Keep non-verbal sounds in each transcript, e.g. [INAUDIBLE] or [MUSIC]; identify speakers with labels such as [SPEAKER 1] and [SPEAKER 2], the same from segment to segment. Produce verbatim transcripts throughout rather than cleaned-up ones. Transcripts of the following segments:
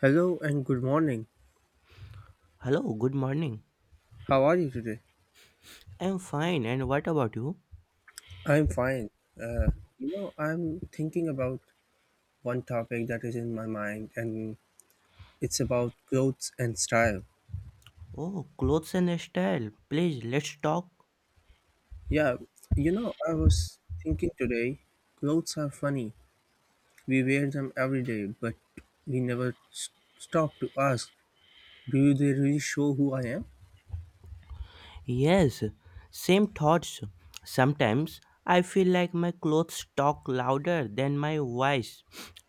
[SPEAKER 1] Hello and good morning.
[SPEAKER 2] Hello, good morning.
[SPEAKER 1] How are you today?
[SPEAKER 2] I'm fine, and what about you?
[SPEAKER 1] I'm fine. Uh, you know, I'm thinking about one topic that is in my mind, and it's about clothes and style.
[SPEAKER 2] Oh, clothes and style. Please, let's talk.
[SPEAKER 1] Yeah, you know, I was thinking today, clothes are funny. We wear them every day, but we never s- stop to ask, do they really show who I am?
[SPEAKER 2] Yes, same thoughts. Sometimes I feel like my clothes talk louder than my voice.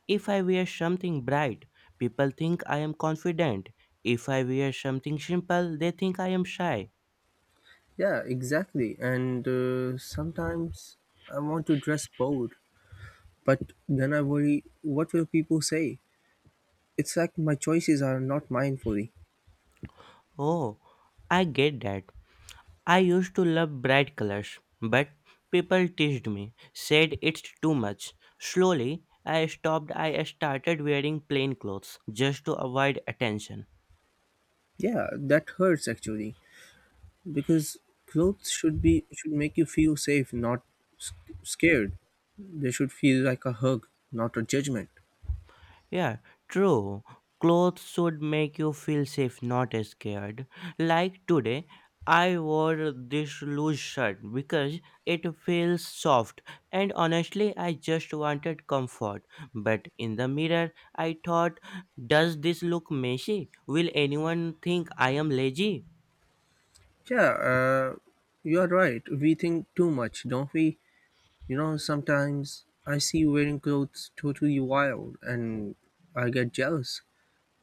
[SPEAKER 2] If I wear something bright, people think I am confident. If I wear something simple, they think I am shy.
[SPEAKER 1] Yeah, exactly. And uh, sometimes I want to dress bold, but then I worry, what will people say? It's like my choices are not mine fully.
[SPEAKER 2] Oh, I get that. I used to love bright colors, but people teased me, said it's too much. Slowly, I stopped. I started wearing plain clothes just to avoid attention.
[SPEAKER 1] Yeah, that hurts actually because clothes should be should make you feel safe, not s- scared. They should feel like a hug, not a judgment.
[SPEAKER 2] Yeah, true. Clothes should make you feel safe, not scared. Like today, I wore this loose shirt because it feels soft, and honestly, I just wanted comfort. But in the mirror, I thought, does this look messy? Will anyone think I am lazy?
[SPEAKER 1] Yeah, uh, you are right. We think too much, don't we? You know, sometimes I see you wearing clothes totally wild, and I get jealous,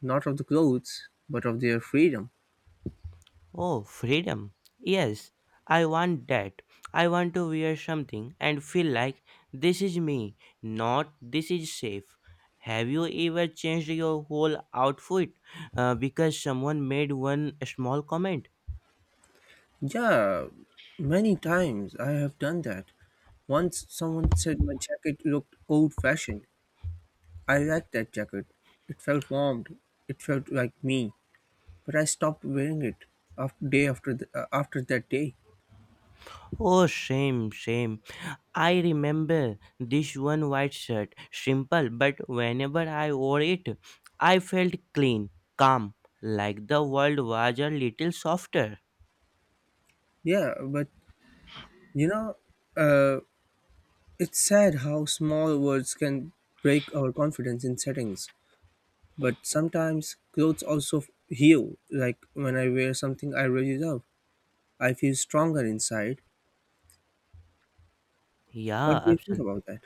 [SPEAKER 1] not of the clothes, but of their freedom.
[SPEAKER 2] Oh, freedom. Yes, I want that. I want to wear something and feel like this is me, not this is safe. Have you ever changed your whole outfit uh, because someone made one small comment?
[SPEAKER 1] Yeah, many times I have done that. Once someone said my jacket looked old fashioned. I liked that jacket. It felt warm. It felt like me. But I stopped wearing it after day after the, uh, after that day.
[SPEAKER 2] Oh, same, same. I remember this one white shirt, simple, but whenever I wore it, I felt clean, calm, like the world was a little softer.
[SPEAKER 1] Yeah, but you know, uh, it's sad how small words can break our confidence in settings. But sometimes clothes also f- heal. Like when I wear something I really love, I feel stronger inside.
[SPEAKER 2] Yeah,
[SPEAKER 1] What do you think
[SPEAKER 2] absolutely.
[SPEAKER 1] about that?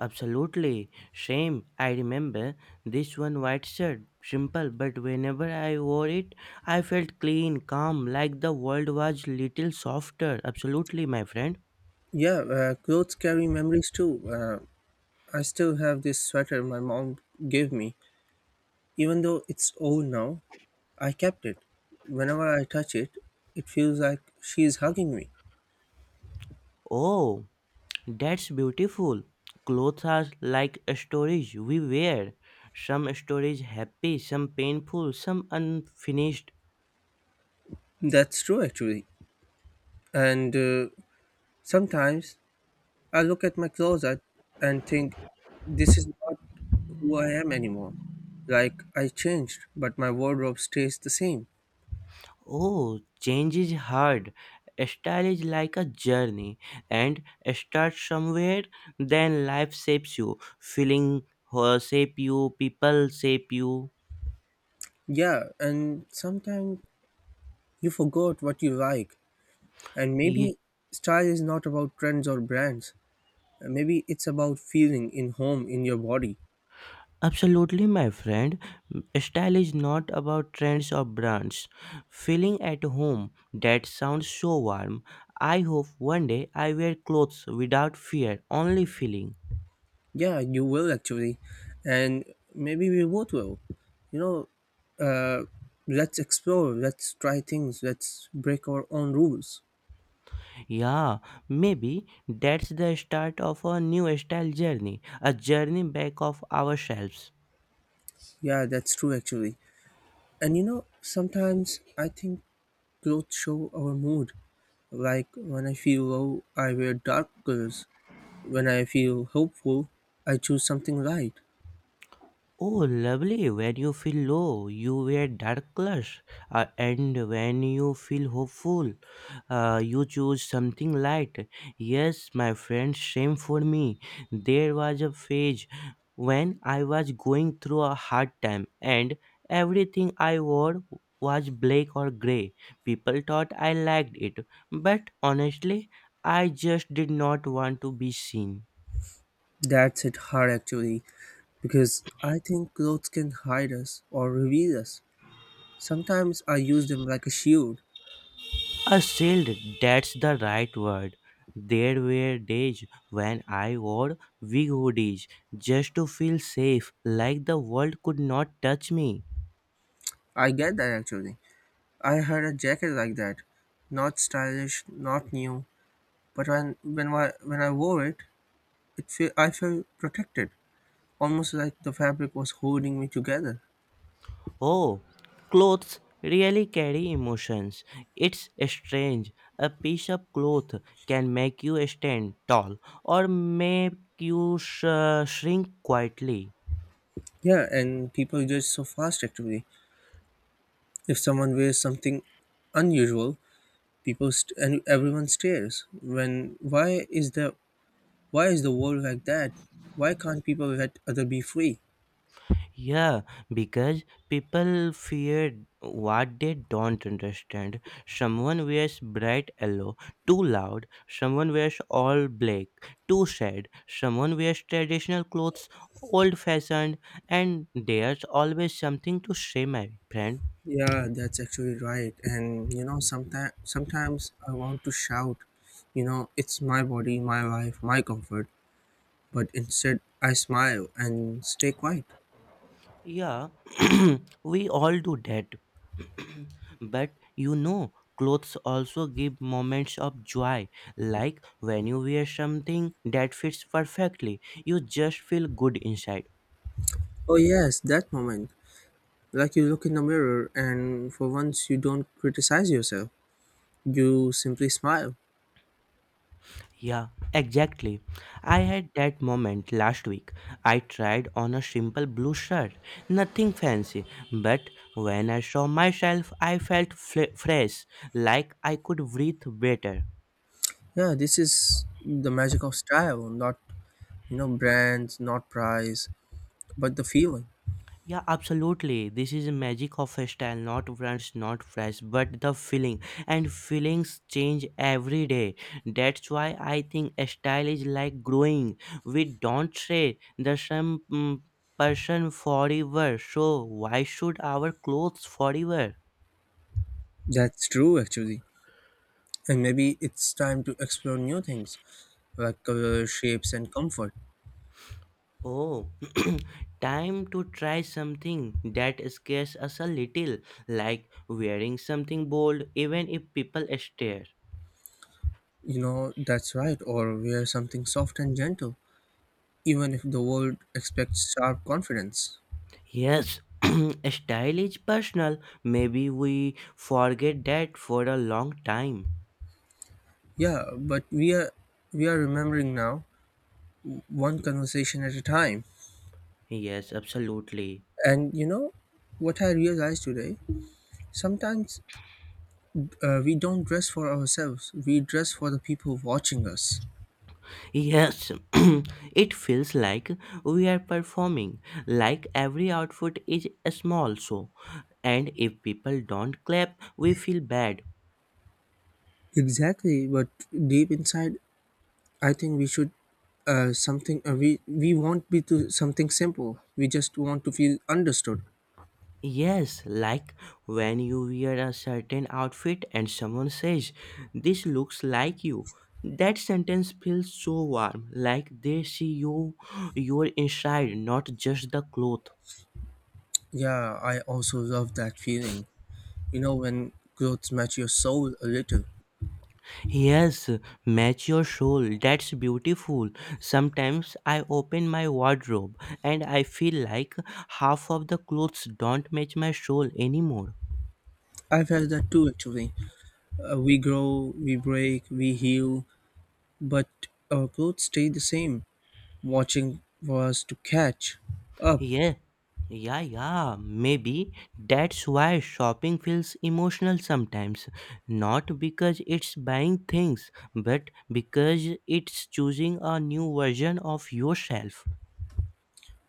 [SPEAKER 2] Absolutely. Same. I remember this one white shirt. Simple, but whenever I wore it, I felt clean, calm, like the world was little softer. Absolutely, my friend.
[SPEAKER 1] Yeah, uh, clothes carry memories too. Uh, I still have this sweater my mom gave me. Even though it's old now, I kept it. Whenever I touch it, it feels like she's hugging me.
[SPEAKER 2] Oh, that's beautiful. Clothes are like stories we wear. Some stories happy, some painful, some unfinished.
[SPEAKER 1] That's true, actually. And uh, sometimes I look at my closet and think, this is not who I am anymore. Like, I changed, but my wardrobe stays the same.
[SPEAKER 2] Oh, change is hard. Style is like a journey, and start somewhere, then life shapes you. Feeling uh, shape you, people shape you.
[SPEAKER 1] Yeah, and sometimes you forgot what you like. And
[SPEAKER 2] Ye-
[SPEAKER 1] maybe style is not about trends or brands. Uh, Maybe it's about feeling in home in your body.
[SPEAKER 2] Absolutely, my friend. Style is not about trends or brands. Feeling at home, that sounds so warm. I hope one day I wear clothes without fear, only feeling.
[SPEAKER 1] Yeah, you will actually. And maybe we both will. You know, uh, let's explore, let's try things, let's break our own rules.
[SPEAKER 2] Yeah, maybe that's the start of a new style journey, a journey back of ourselves.
[SPEAKER 1] Yeah, that's true actually. And you know, sometimes I think clothes show our mood. Like when I feel low, I wear dark colors. When I feel hopeful, I choose something light.
[SPEAKER 2] Oh, lovely. When you feel low, you wear dark colors. Uh, and when you feel hopeful, uh, you choose something light. Yes, my friend, same for me. There was a phase when I was going through a hard time, and everything I wore was black or gray. People thought I liked it, but honestly, I just did not want to be seen.
[SPEAKER 1] That's it hard actually. Because I think clothes can hide us or reveal us. Sometimes I use them like a shield.
[SPEAKER 2] A shield, that's the right word. There were days when I wore big hoodies just to feel safe, like the world could not touch me.
[SPEAKER 1] I get that actually. I had a jacket like that. Not stylish, not new, but when when I, when I wore it, it feel, I felt protected, almost like the fabric was holding me together.
[SPEAKER 2] Oh, clothes really carry emotions. It's strange. A piece of cloth can make you stand tall or make you sh- shrink quietly.
[SPEAKER 1] Yeah, and people judge so fast actually. If someone wears something unusual, people st- and everyone stares. When why is the Why is the world like that? Why can't people let other be free?
[SPEAKER 2] Yeah, because people fear what they don't understand. Someone wears bright yellow, too loud. Someone wears all black, too sad. Someone wears traditional clothes, old fashioned, and there's always something to say, my friend.
[SPEAKER 1] Yeah, that's actually right. And you know, sometimes sometimes I want to shout, you know, it's my body, my life, my comfort. But instead, I smile and stay quiet.
[SPEAKER 2] Yeah, [CLEARS THROAT] we all do that. [CLEARS THROAT] But you know, clothes also give moments of joy. Like when you wear something that fits perfectly, you just feel good inside.
[SPEAKER 1] Oh yes, that moment. Like you look in the mirror, and for once, you don't criticize yourself. You simply smile.
[SPEAKER 2] Yeah, exactly. I had that moment last week. I tried on a simple blue shirt, nothing fancy, but when I saw myself, I felt fle- fresh, like I could breathe better.
[SPEAKER 1] Yeah, this is the magic of style, not you know brands, not price, but the feeling.
[SPEAKER 2] Yeah, absolutely. This is the magic of a style, not brands, not fresh, but the feeling. And feelings change every day. That's why I think a style is like growing. We don't say the same mm, person forever. So why should our clothes forever?
[SPEAKER 1] That's true, actually. And maybe it's time to explore new things like color shapes and comfort.
[SPEAKER 2] Oh, [CLEARS THROAT] time to try something that scares us a little, like wearing something bold, even if people stare.
[SPEAKER 1] You know that's right, or wear something soft and gentle even if the world expects sharp confidence.
[SPEAKER 2] Yes, [CLEARS THROAT] style is personal. Maybe we forget that for a long time.
[SPEAKER 1] Yeah, but we are we are remembering now, one conversation at a time.
[SPEAKER 2] Yes, absolutely.
[SPEAKER 1] And you know what I realized today, sometimes uh, we don't dress for ourselves, we dress for the people watching us.
[SPEAKER 2] Yes, [CLEARS THROAT] it feels like we are performing, like every outfit is a small show. And if people don't clap, we feel bad.
[SPEAKER 1] Exactly, but deep inside I think we should uh, something uh, we we want be to something simple. We just want to feel understood.
[SPEAKER 2] Yes, like when you wear a certain outfit and someone says, "This looks like you." That sentence feels so warm, like they see you, your inside, not just the cloth.
[SPEAKER 1] Yeah, I also love that feeling. You know, when clothes match your soul a little.
[SPEAKER 2] Yes, match your soul. That's beautiful. Sometimes I open my wardrobe and I feel like half of the clothes don't match my soul anymore.
[SPEAKER 1] I've had that too, actually. Uh, we grow, we break, we heal, but our clothes stay the same, watching for us to catch up.
[SPEAKER 2] Yeah, yeah, yeah. Maybe that's why shopping feels emotional sometimes. Not because it's buying things, but because it's choosing a new version of yourself.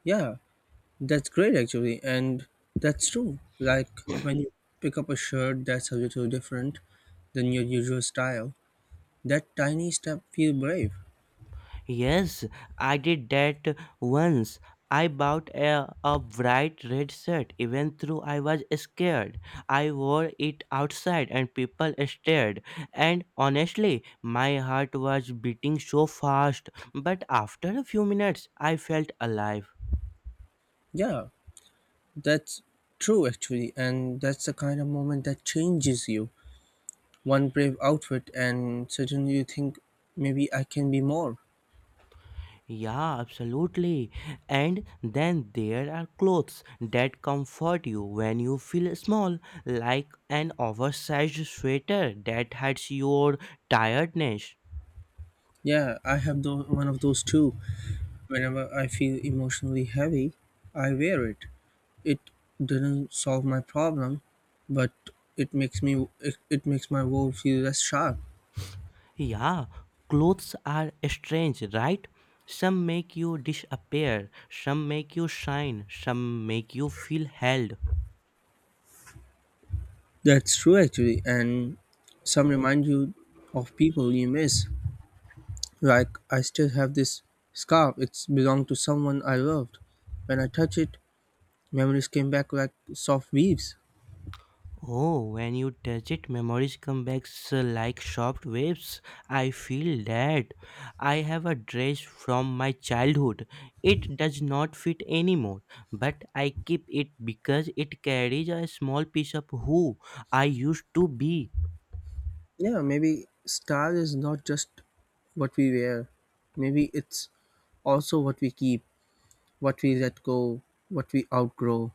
[SPEAKER 1] Yeah, that's great, actually. And that's true. Like when you pick up a shirt that's a little different than your usual style, that tiny step feel brave.
[SPEAKER 2] Yes, I did that once. I bought a, a bright red shirt even though I was scared. I wore it outside and people stared. And honestly, my heart was beating so fast. But after a few minutes, I felt alive.
[SPEAKER 1] Yeah, that's true actually, and that's the kind of moment that changes you. One brave outfit, and suddenly you think maybe I can be more.
[SPEAKER 2] Yeah, absolutely. And then there are clothes that comfort you when you feel small, like an oversized sweater that hides your tiredness.
[SPEAKER 1] Yeah, I have tho- one of those too. Whenever I feel emotionally heavy, I wear it. It doesn't solve my problem, but it makes me it, it makes my world feel less sharp.
[SPEAKER 2] Yeah, clothes are strange, right? Some make you disappear, some make you shine, some make you feel held.
[SPEAKER 1] That's true actually, and some remind you of people you miss. Like I still have this scarf. It's belonged to someone I loved. When I touch it, memories came back like soft waves.
[SPEAKER 2] Oh, when you touch it, memories come back s- like soft waves. I feel that. I have a dress from my childhood. It does not fit anymore, but I keep it because it carries a small piece of who I used to be.
[SPEAKER 1] Yeah, maybe style is not just what we wear. Maybe it's also what we keep, what we let go, what we outgrow.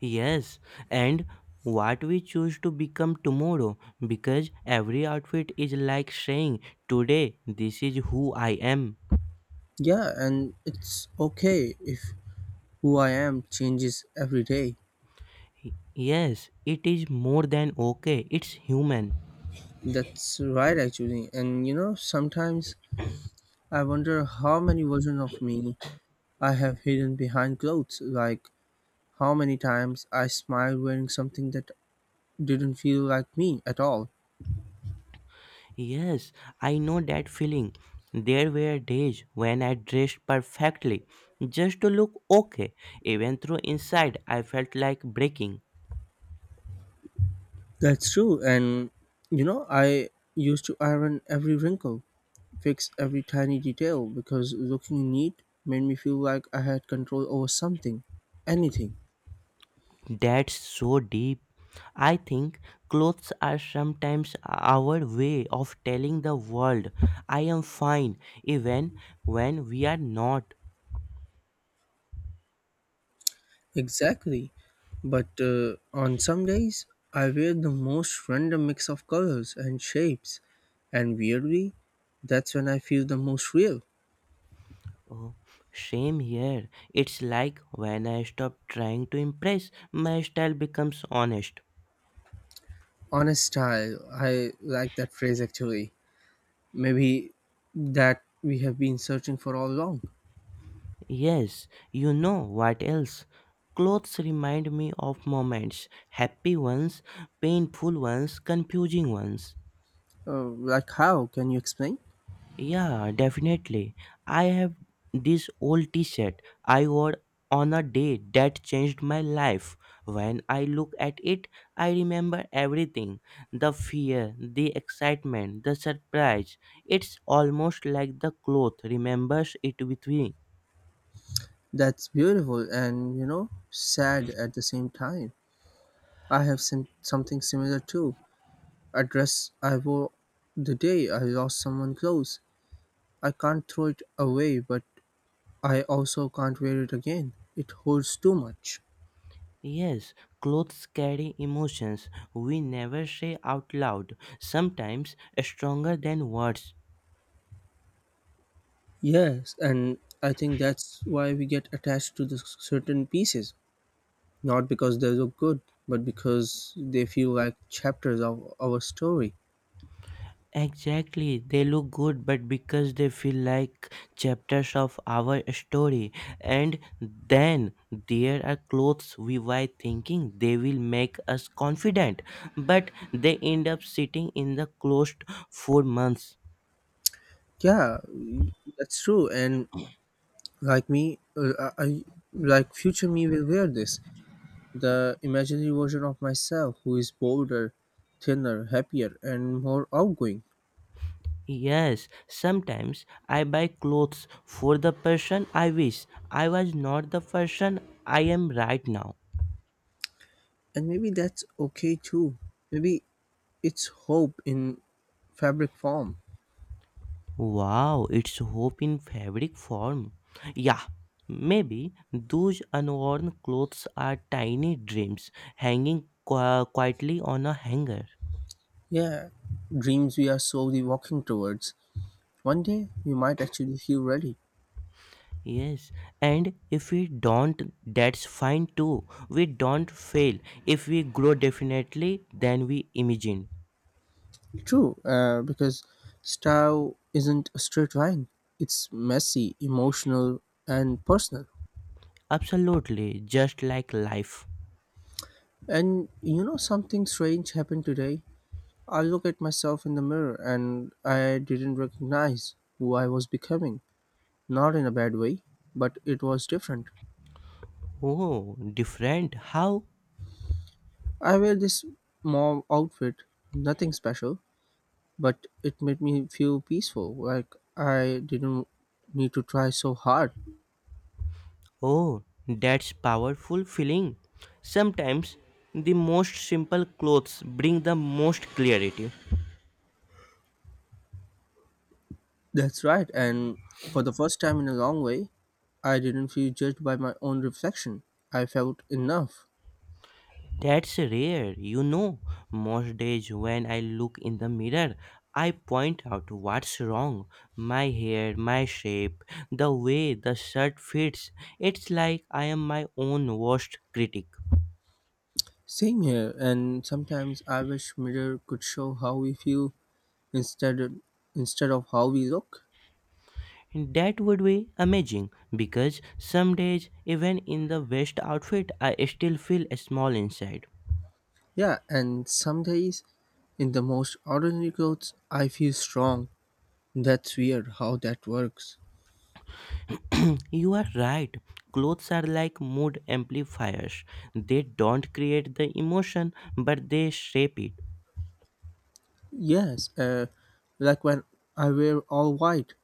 [SPEAKER 2] Yes, and what we choose to become tomorrow because every outfit is like saying, "Today, this is who I am."
[SPEAKER 1] Yeah, and it's okay if who I am changes every day.
[SPEAKER 2] Yes, it is more than okay, it's human.
[SPEAKER 1] That's right, actually. And you know, sometimes I wonder how many versions of me I have hidden behind clothes. Like, how many times I smiled wearing something that didn't feel like me at all.
[SPEAKER 2] Yes, I know that feeling. There were days when I dressed perfectly just to look okay, even though inside I felt like breaking.
[SPEAKER 1] That's true. And you know, I used to iron every wrinkle, fix every tiny detail because looking neat made me feel like I had control over something, anything.
[SPEAKER 2] That's so deep. I think clothes are sometimes our way of telling the world I am fine, even when we are not.
[SPEAKER 1] Exactly. But uh, on some days, I wear the most random mix of colors and shapes, and weirdly, that's when I feel the most real.
[SPEAKER 2] Oh, same here. It's like when I stop trying to impress, my style becomes honest.
[SPEAKER 1] Honest style, I like that phrase actually. Maybe that we have been searching for all along.
[SPEAKER 2] Yes, you know what else? Clothes remind me of moments happy ones, painful ones, confusing ones.
[SPEAKER 1] Uh, like, how? Can you explain?
[SPEAKER 2] Yeah, definitely. I have this old t shirt I wore on a day that changed my life. When I look at it, I remember everything the fear, the excitement, the surprise. It's almost like the cloth remembers it with me.
[SPEAKER 1] That's beautiful and, you know, sad at the same time. I have sim- something similar too. A dress I wore the day I lost someone close. I can't throw it away, but I also can't wear it again. It holds too much.
[SPEAKER 2] Yes, clothes carry emotions we never say out loud, sometimes stronger than words.
[SPEAKER 1] Yes, and I think that's why we get attached to the certain pieces. Not because they look good, but because they feel like chapters of our story.
[SPEAKER 2] Exactly, they look good, but because they feel like chapters of our story, and then there are clothes we buy thinking they will make us confident, but they end up sitting in the closet for months.
[SPEAKER 1] Yeah, mm, that's true. And like me, uh, I, I- like future me will wear this, the imaginary version of myself who is bolder, thinner, happier, and more outgoing.
[SPEAKER 2] Yes, sometimes I buy clothes for the person I wish I was not the person I am right now.
[SPEAKER 1] And maybe that's okay too. Maybe it's hope in fabric form.
[SPEAKER 2] Wow, it's hope in fabric form. Yeah, maybe those unworn clothes are tiny dreams hanging qui- quietly on a hanger.
[SPEAKER 1] Yeah, dreams we are slowly walking towards. One day we might actually feel ready.
[SPEAKER 2] Yes, and if we don't, that's fine too. We don't fail. If we grow definitely, then we imagine.
[SPEAKER 1] True, uh, because style isn't a straight line. It's messy, emotional, and personal.
[SPEAKER 2] Absolutely, just like life.
[SPEAKER 1] And you know something strange happened today? I look at myself in the mirror and I didn't recognize who I was becoming. Not in a bad way, but it was different.
[SPEAKER 2] Oh, different. How?
[SPEAKER 1] I wear this mom outfit, nothing special, but it made me feel peaceful, like I didn't need to try so hard.
[SPEAKER 2] Oh, that's powerful feeling. Sometimes the most simple clothes bring the most clarity.
[SPEAKER 1] That's right, and for the first time in a long way, I didn't feel judged by my own reflection. I felt enough.
[SPEAKER 2] That's rare, you know. Most days when I look in the mirror, I point out what's wrong. My hair, my shape, the way the shirt fits. It's like I am my own worst critic.
[SPEAKER 1] Same here, and sometimes I wish mirror could show how we feel instead of, instead of how we look.
[SPEAKER 2] And that would be amazing because some days, even in the best outfit, I still feel small inside.
[SPEAKER 1] Yeah, and some days in the most ordinary clothes, I feel strong. That's weird how that works.
[SPEAKER 2] [CLEARS THROAT] You are right. Clothes are like mood amplifiers. They don't create the emotion, but they shape it.
[SPEAKER 1] Yes, uh, like when I wear all white,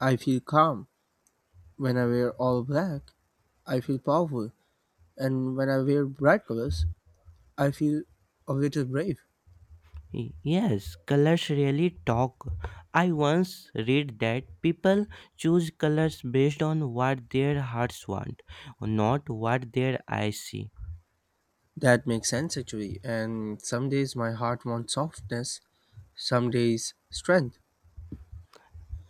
[SPEAKER 1] I feel calm. When I wear all black, I feel powerful. And when I wear bright colors, I feel a little brave.
[SPEAKER 2] Y- Yes, colors really talk. I once read that people choose colors based on what their hearts want, not what their eyes see.
[SPEAKER 1] That makes sense actually. And some days my heart wants softness, some days strength.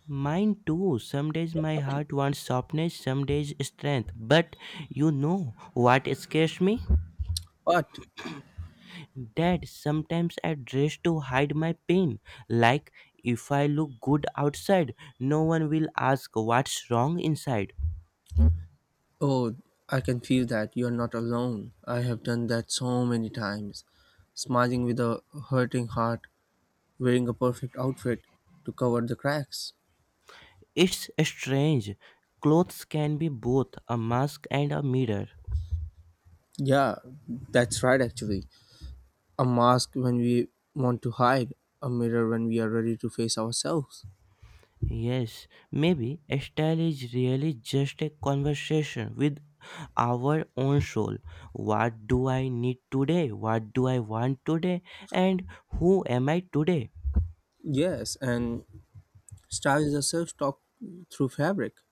[SPEAKER 2] Mine too. Some days my heart wants softness, some days strength. But you know what scares me?
[SPEAKER 1] But
[SPEAKER 2] That sometimes I dress to hide my pain. Like if I look good outside, no one will ask what's wrong inside.
[SPEAKER 1] oh, I can feel that you're not alone. I have done that so many times. Smiling with a hurting heart, wearing a perfect outfit to cover the cracks.
[SPEAKER 2] It's strange. Clothes can be both a mask and a mirror.
[SPEAKER 1] Yeah, that's right actually. A mask when we want to hide, a mirror when we are ready to face ourselves.
[SPEAKER 2] Yes, maybe style is really just a conversation with our own soul. What do I need today? What do I want today? And who am I today?
[SPEAKER 1] Yes, and style is a self talk through fabric.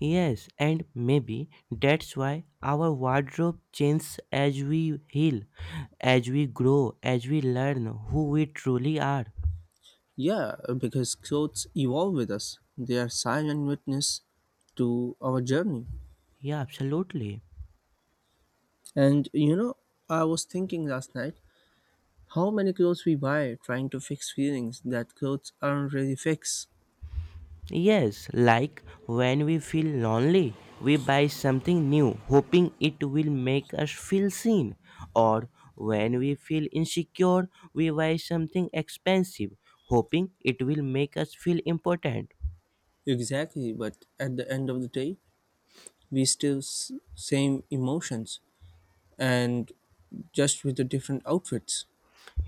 [SPEAKER 2] Yes, and maybe that's why our wardrobe changes as we heal, as we grow, as we learn who we truly are.
[SPEAKER 1] Yeah, because clothes evolve with us, they are silent witness to our journey.
[SPEAKER 2] Yeah, absolutely.
[SPEAKER 1] And you know, I was thinking last night how many clothes we buy trying to fix feelings that clothes aren't really fix.
[SPEAKER 2] Yes, like when we feel lonely, we buy something new, hoping it will make us feel seen. Or when we feel insecure, we buy something expensive, hoping it will make us feel important.
[SPEAKER 1] Exactly, but at the end of the day, we still s- same emotions and just with the different outfits.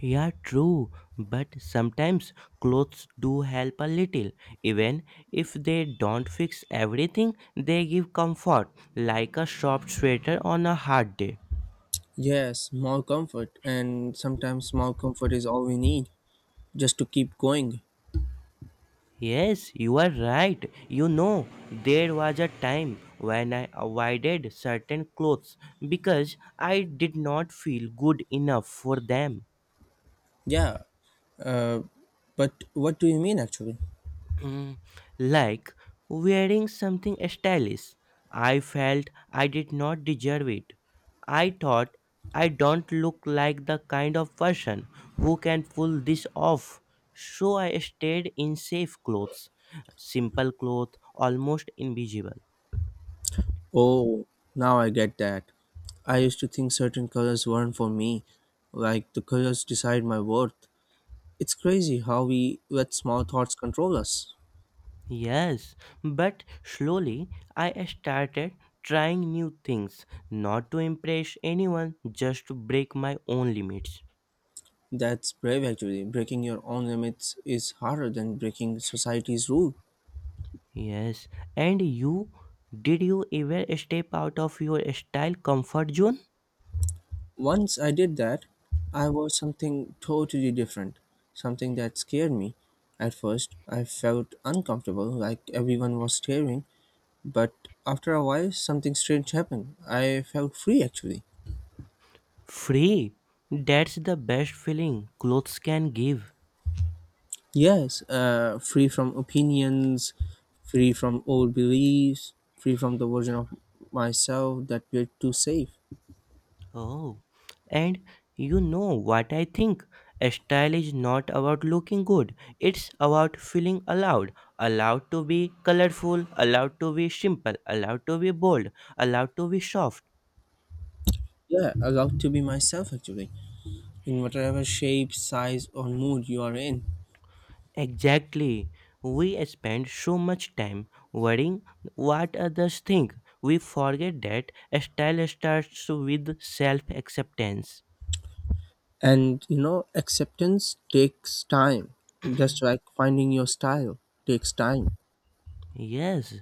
[SPEAKER 2] Yeah, true, but sometimes clothes do help a little. Even if they don't fix everything, they give comfort, like a soft sweater on a hard day.
[SPEAKER 1] Yes, more comfort, and sometimes small comfort is all we need just to keep going.
[SPEAKER 2] Yes, you are right. You know, there was a time when I avoided certain clothes because I did not feel good enough for them.
[SPEAKER 1] Yeah, uh, but what do you mean actually?
[SPEAKER 2] Mm, like wearing something stylish. I felt I did not deserve it. I thought I don't look like the kind of person who can pull this off. So I stayed in safe clothes, simple clothes, almost invisible.
[SPEAKER 1] Oh, now I get that. I used to think certain colors weren't for me, like the colors decide my worth. It's crazy how we let small thoughts control us.
[SPEAKER 2] Yes, but slowly I started trying new things, not to impress anyone, just to break my own limits.
[SPEAKER 1] That's brave actually. Breaking your own limits is harder than breaking society's rule.
[SPEAKER 2] Yes, and you, did you ever step out of your style comfort zone?
[SPEAKER 1] Once I did that, I was something totally different, something that scared me. At first, I felt uncomfortable, like everyone was staring, but after a while, something strange happened. I felt free actually.
[SPEAKER 2] Free. That's the best feeling clothes can give.
[SPEAKER 1] Yes, uh, free from opinions, free from old beliefs, free from the version of myself that were too safe.
[SPEAKER 2] Oh, and you know what I think? Style is not about looking good, it's about feeling allowed. Allowed to be colorful, allowed to be simple, allowed to be bold, allowed to be soft.
[SPEAKER 1] Yeah, allowed to be myself actually, in whatever shape, size, or mood you are in.
[SPEAKER 2] Exactly. We spend so much time worrying what others think. We forget that style starts with self acceptance.
[SPEAKER 1] And you know, acceptance takes time, just like finding your style takes time.
[SPEAKER 2] Yes,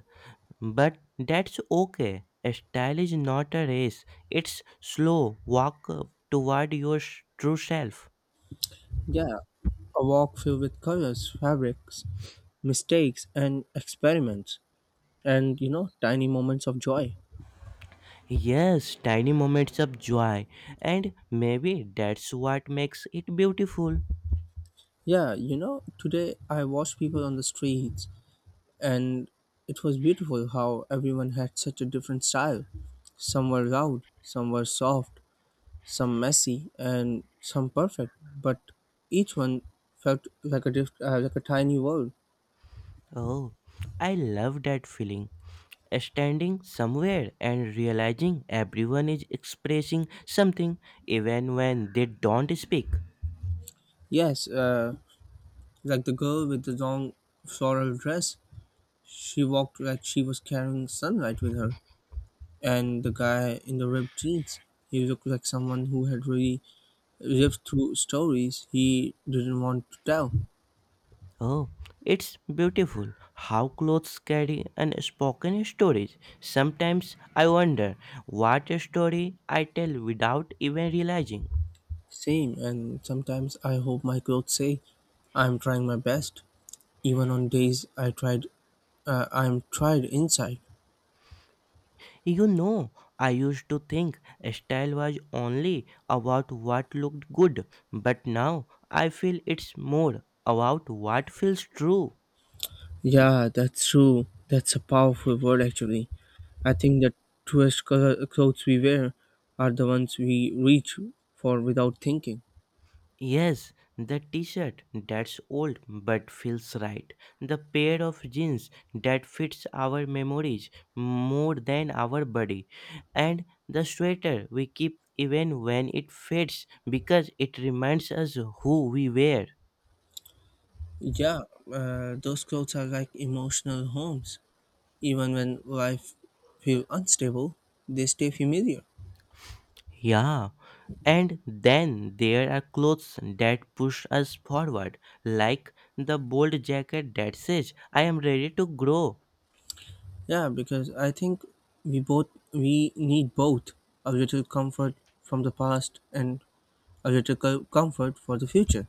[SPEAKER 2] but that's okay. Style is not a race, it's slow walk toward your s- true self.
[SPEAKER 1] Yeah, a walk filled with colors, fabrics, mistakes, and experiments. And you know tiny moments of joy.
[SPEAKER 2] Yes, tiny moments of joy, and maybe that's what makes it beautiful.
[SPEAKER 1] Yeah, you know today I watched people on the streets, and it was beautiful how everyone had such a different style. Some were loud, some were soft, some messy and some perfect, but each one felt like a diff- uh, like a tiny world.
[SPEAKER 2] Oh, I love that feeling. Standing somewhere and realizing everyone is expressing something, even when they don't speak.
[SPEAKER 1] Yes uh, like the girl with the long floral dress, she walked like she was carrying sunlight with her. And the guy in the ripped jeans, he looked like someone who had really lived through stories he didn't want to tell.
[SPEAKER 2] Oh, it's beautiful how clothes carry unspoken stories. Sometimes I wonder what story I tell without even realizing.
[SPEAKER 1] Same, and sometimes I hope my clothes say, "I'm trying my best," even on days I tried, uh, I'm tried inside.
[SPEAKER 2] You know, I used to think style was only about what looked good, but now I feel it's more about what feels true.
[SPEAKER 1] Yeah, that's true. That's a powerful word, actually. I think the truest colo- clothes we wear are the ones we reach for without thinking.
[SPEAKER 2] Yes, the t-shirt that's old but feels right. The pair of jeans that fits our memories more than our body. And the sweater we keep even when it fades because it reminds us who we were.
[SPEAKER 1] Yeah, uh, those clothes are like emotional homes. Even when life feels unstable, they stay familiar.
[SPEAKER 2] Yeah. And then there are clothes that push us forward, like the bold jacket that says, "I am ready to grow,"
[SPEAKER 1] Yeah, because I think we both we need both a little comfort from the past and a little co- comfort for the future.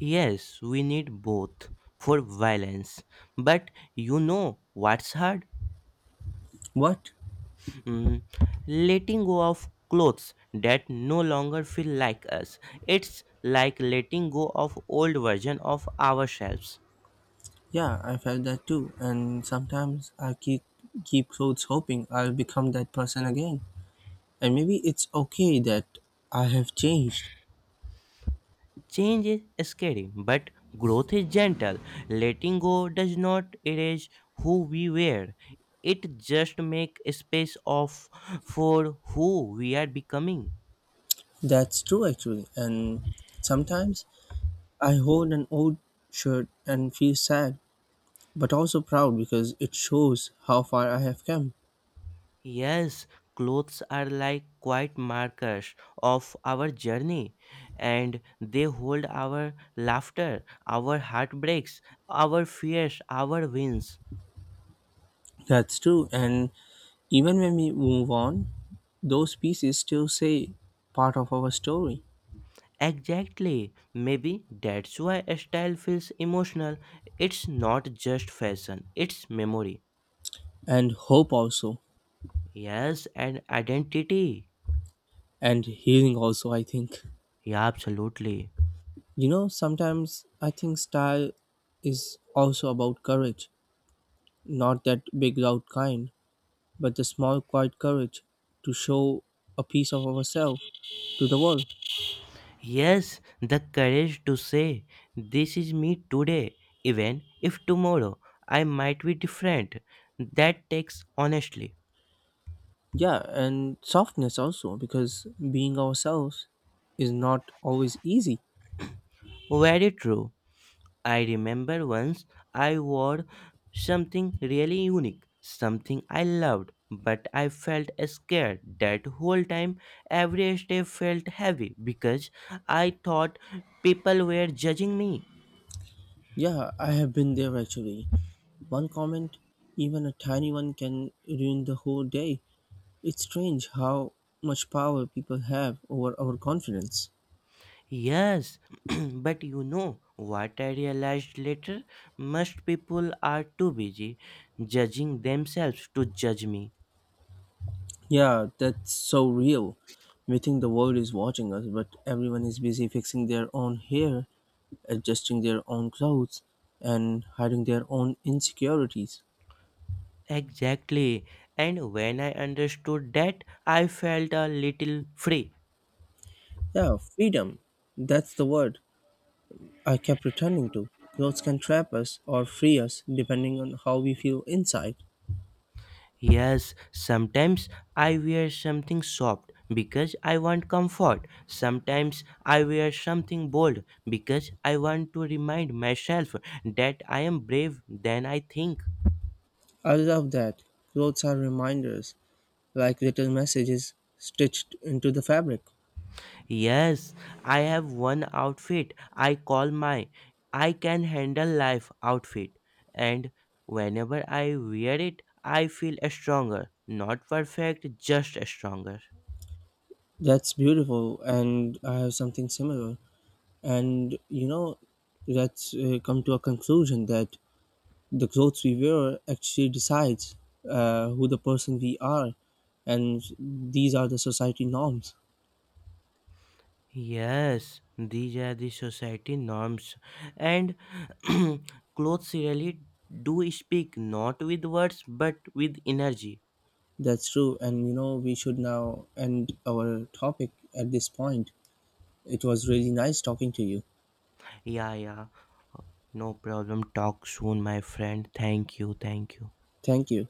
[SPEAKER 2] Yes, we need both for violence. But you know what's hard?
[SPEAKER 1] What?
[SPEAKER 2] Mm, letting go of clothes that no longer feel like us. It's like letting go of old version of ourselves.
[SPEAKER 1] Yeah, I felt that too, and sometimes I keep keep clothes, hoping I'll become that person again. And maybe it's okay that I have changed.
[SPEAKER 2] Change is scary, but growth is gentle. Letting go does not erase who we were. It just make space of for who we are becoming.
[SPEAKER 1] That's true actually. And sometimes I hold an old shirt and feel sad, but also proud because it shows how far I have come.
[SPEAKER 2] Yes, clothes are like quiet markers of our journey, and they hold our laughter, our heartbreaks, our fears, our wins.
[SPEAKER 1] That's true, and even when we move on, those pieces still say part of our story.
[SPEAKER 2] Exactly. Maybe that's why a style feels emotional. It's not just fashion, it's memory.
[SPEAKER 1] And hope also,
[SPEAKER 2] Yes, and identity.
[SPEAKER 1] and healing also, I think.
[SPEAKER 2] Yeah, absolutely.
[SPEAKER 1] You know, sometimes I think style is also about courage. Not that big, loud kind, but the small, quiet courage to show a piece of ourselves to the world.
[SPEAKER 2] Yes, the courage to say, "This is me today, even if tomorrow I might be different." That takes honestly.
[SPEAKER 1] Yeah, and softness also, because being ourselves is not always easy.
[SPEAKER 2] Very true. I remember once I wore something really unique, something I loved, but I felt scared that whole time. Every step felt heavy because I thought people were judging me.
[SPEAKER 1] Yeah, I have been there actually. One comment, even a tiny one, can ruin the whole day. It's strange how much power people have over our confidence.
[SPEAKER 2] Yes, [CLEARS THROAT] but you know what I realized later? Most people are too busy judging themselves to judge me.
[SPEAKER 1] Yeah, that's so real. We think the world is watching us, but everyone is busy fixing their own hair, adjusting their own clothes, and hiding their own insecurities.
[SPEAKER 2] Exactly. And when I understood that, I felt a little free.
[SPEAKER 1] Yeah, freedom. That's the word I kept returning to. Clothes can trap us or free us depending on how we feel inside.
[SPEAKER 2] Yes, sometimes I wear something soft because I want comfort. Sometimes I wear something bold because I want to remind myself that I am brave than I think.
[SPEAKER 1] I love that. Clothes are reminders, like little messages stitched into the fabric.
[SPEAKER 2] Yes, I have one outfit I call my I can handle life outfit, and whenever I wear it, I feel stronger. Not perfect, just stronger.
[SPEAKER 1] That's beautiful, and I have something similar. And you know, let's uh, come to a conclusion that the clothes we wear actually decides uh, who the person we are, and these are the society norms.
[SPEAKER 2] Yes, these are the society norms, and [CLEARS THROAT] clothes really do speak not with words but with energy.
[SPEAKER 1] That's true, and you know, we should now end our topic at this point. It was really nice talking to you.
[SPEAKER 2] Yeah, yeah, no problem. Talk soon, my friend. Thank you, thank you.
[SPEAKER 1] Thank you.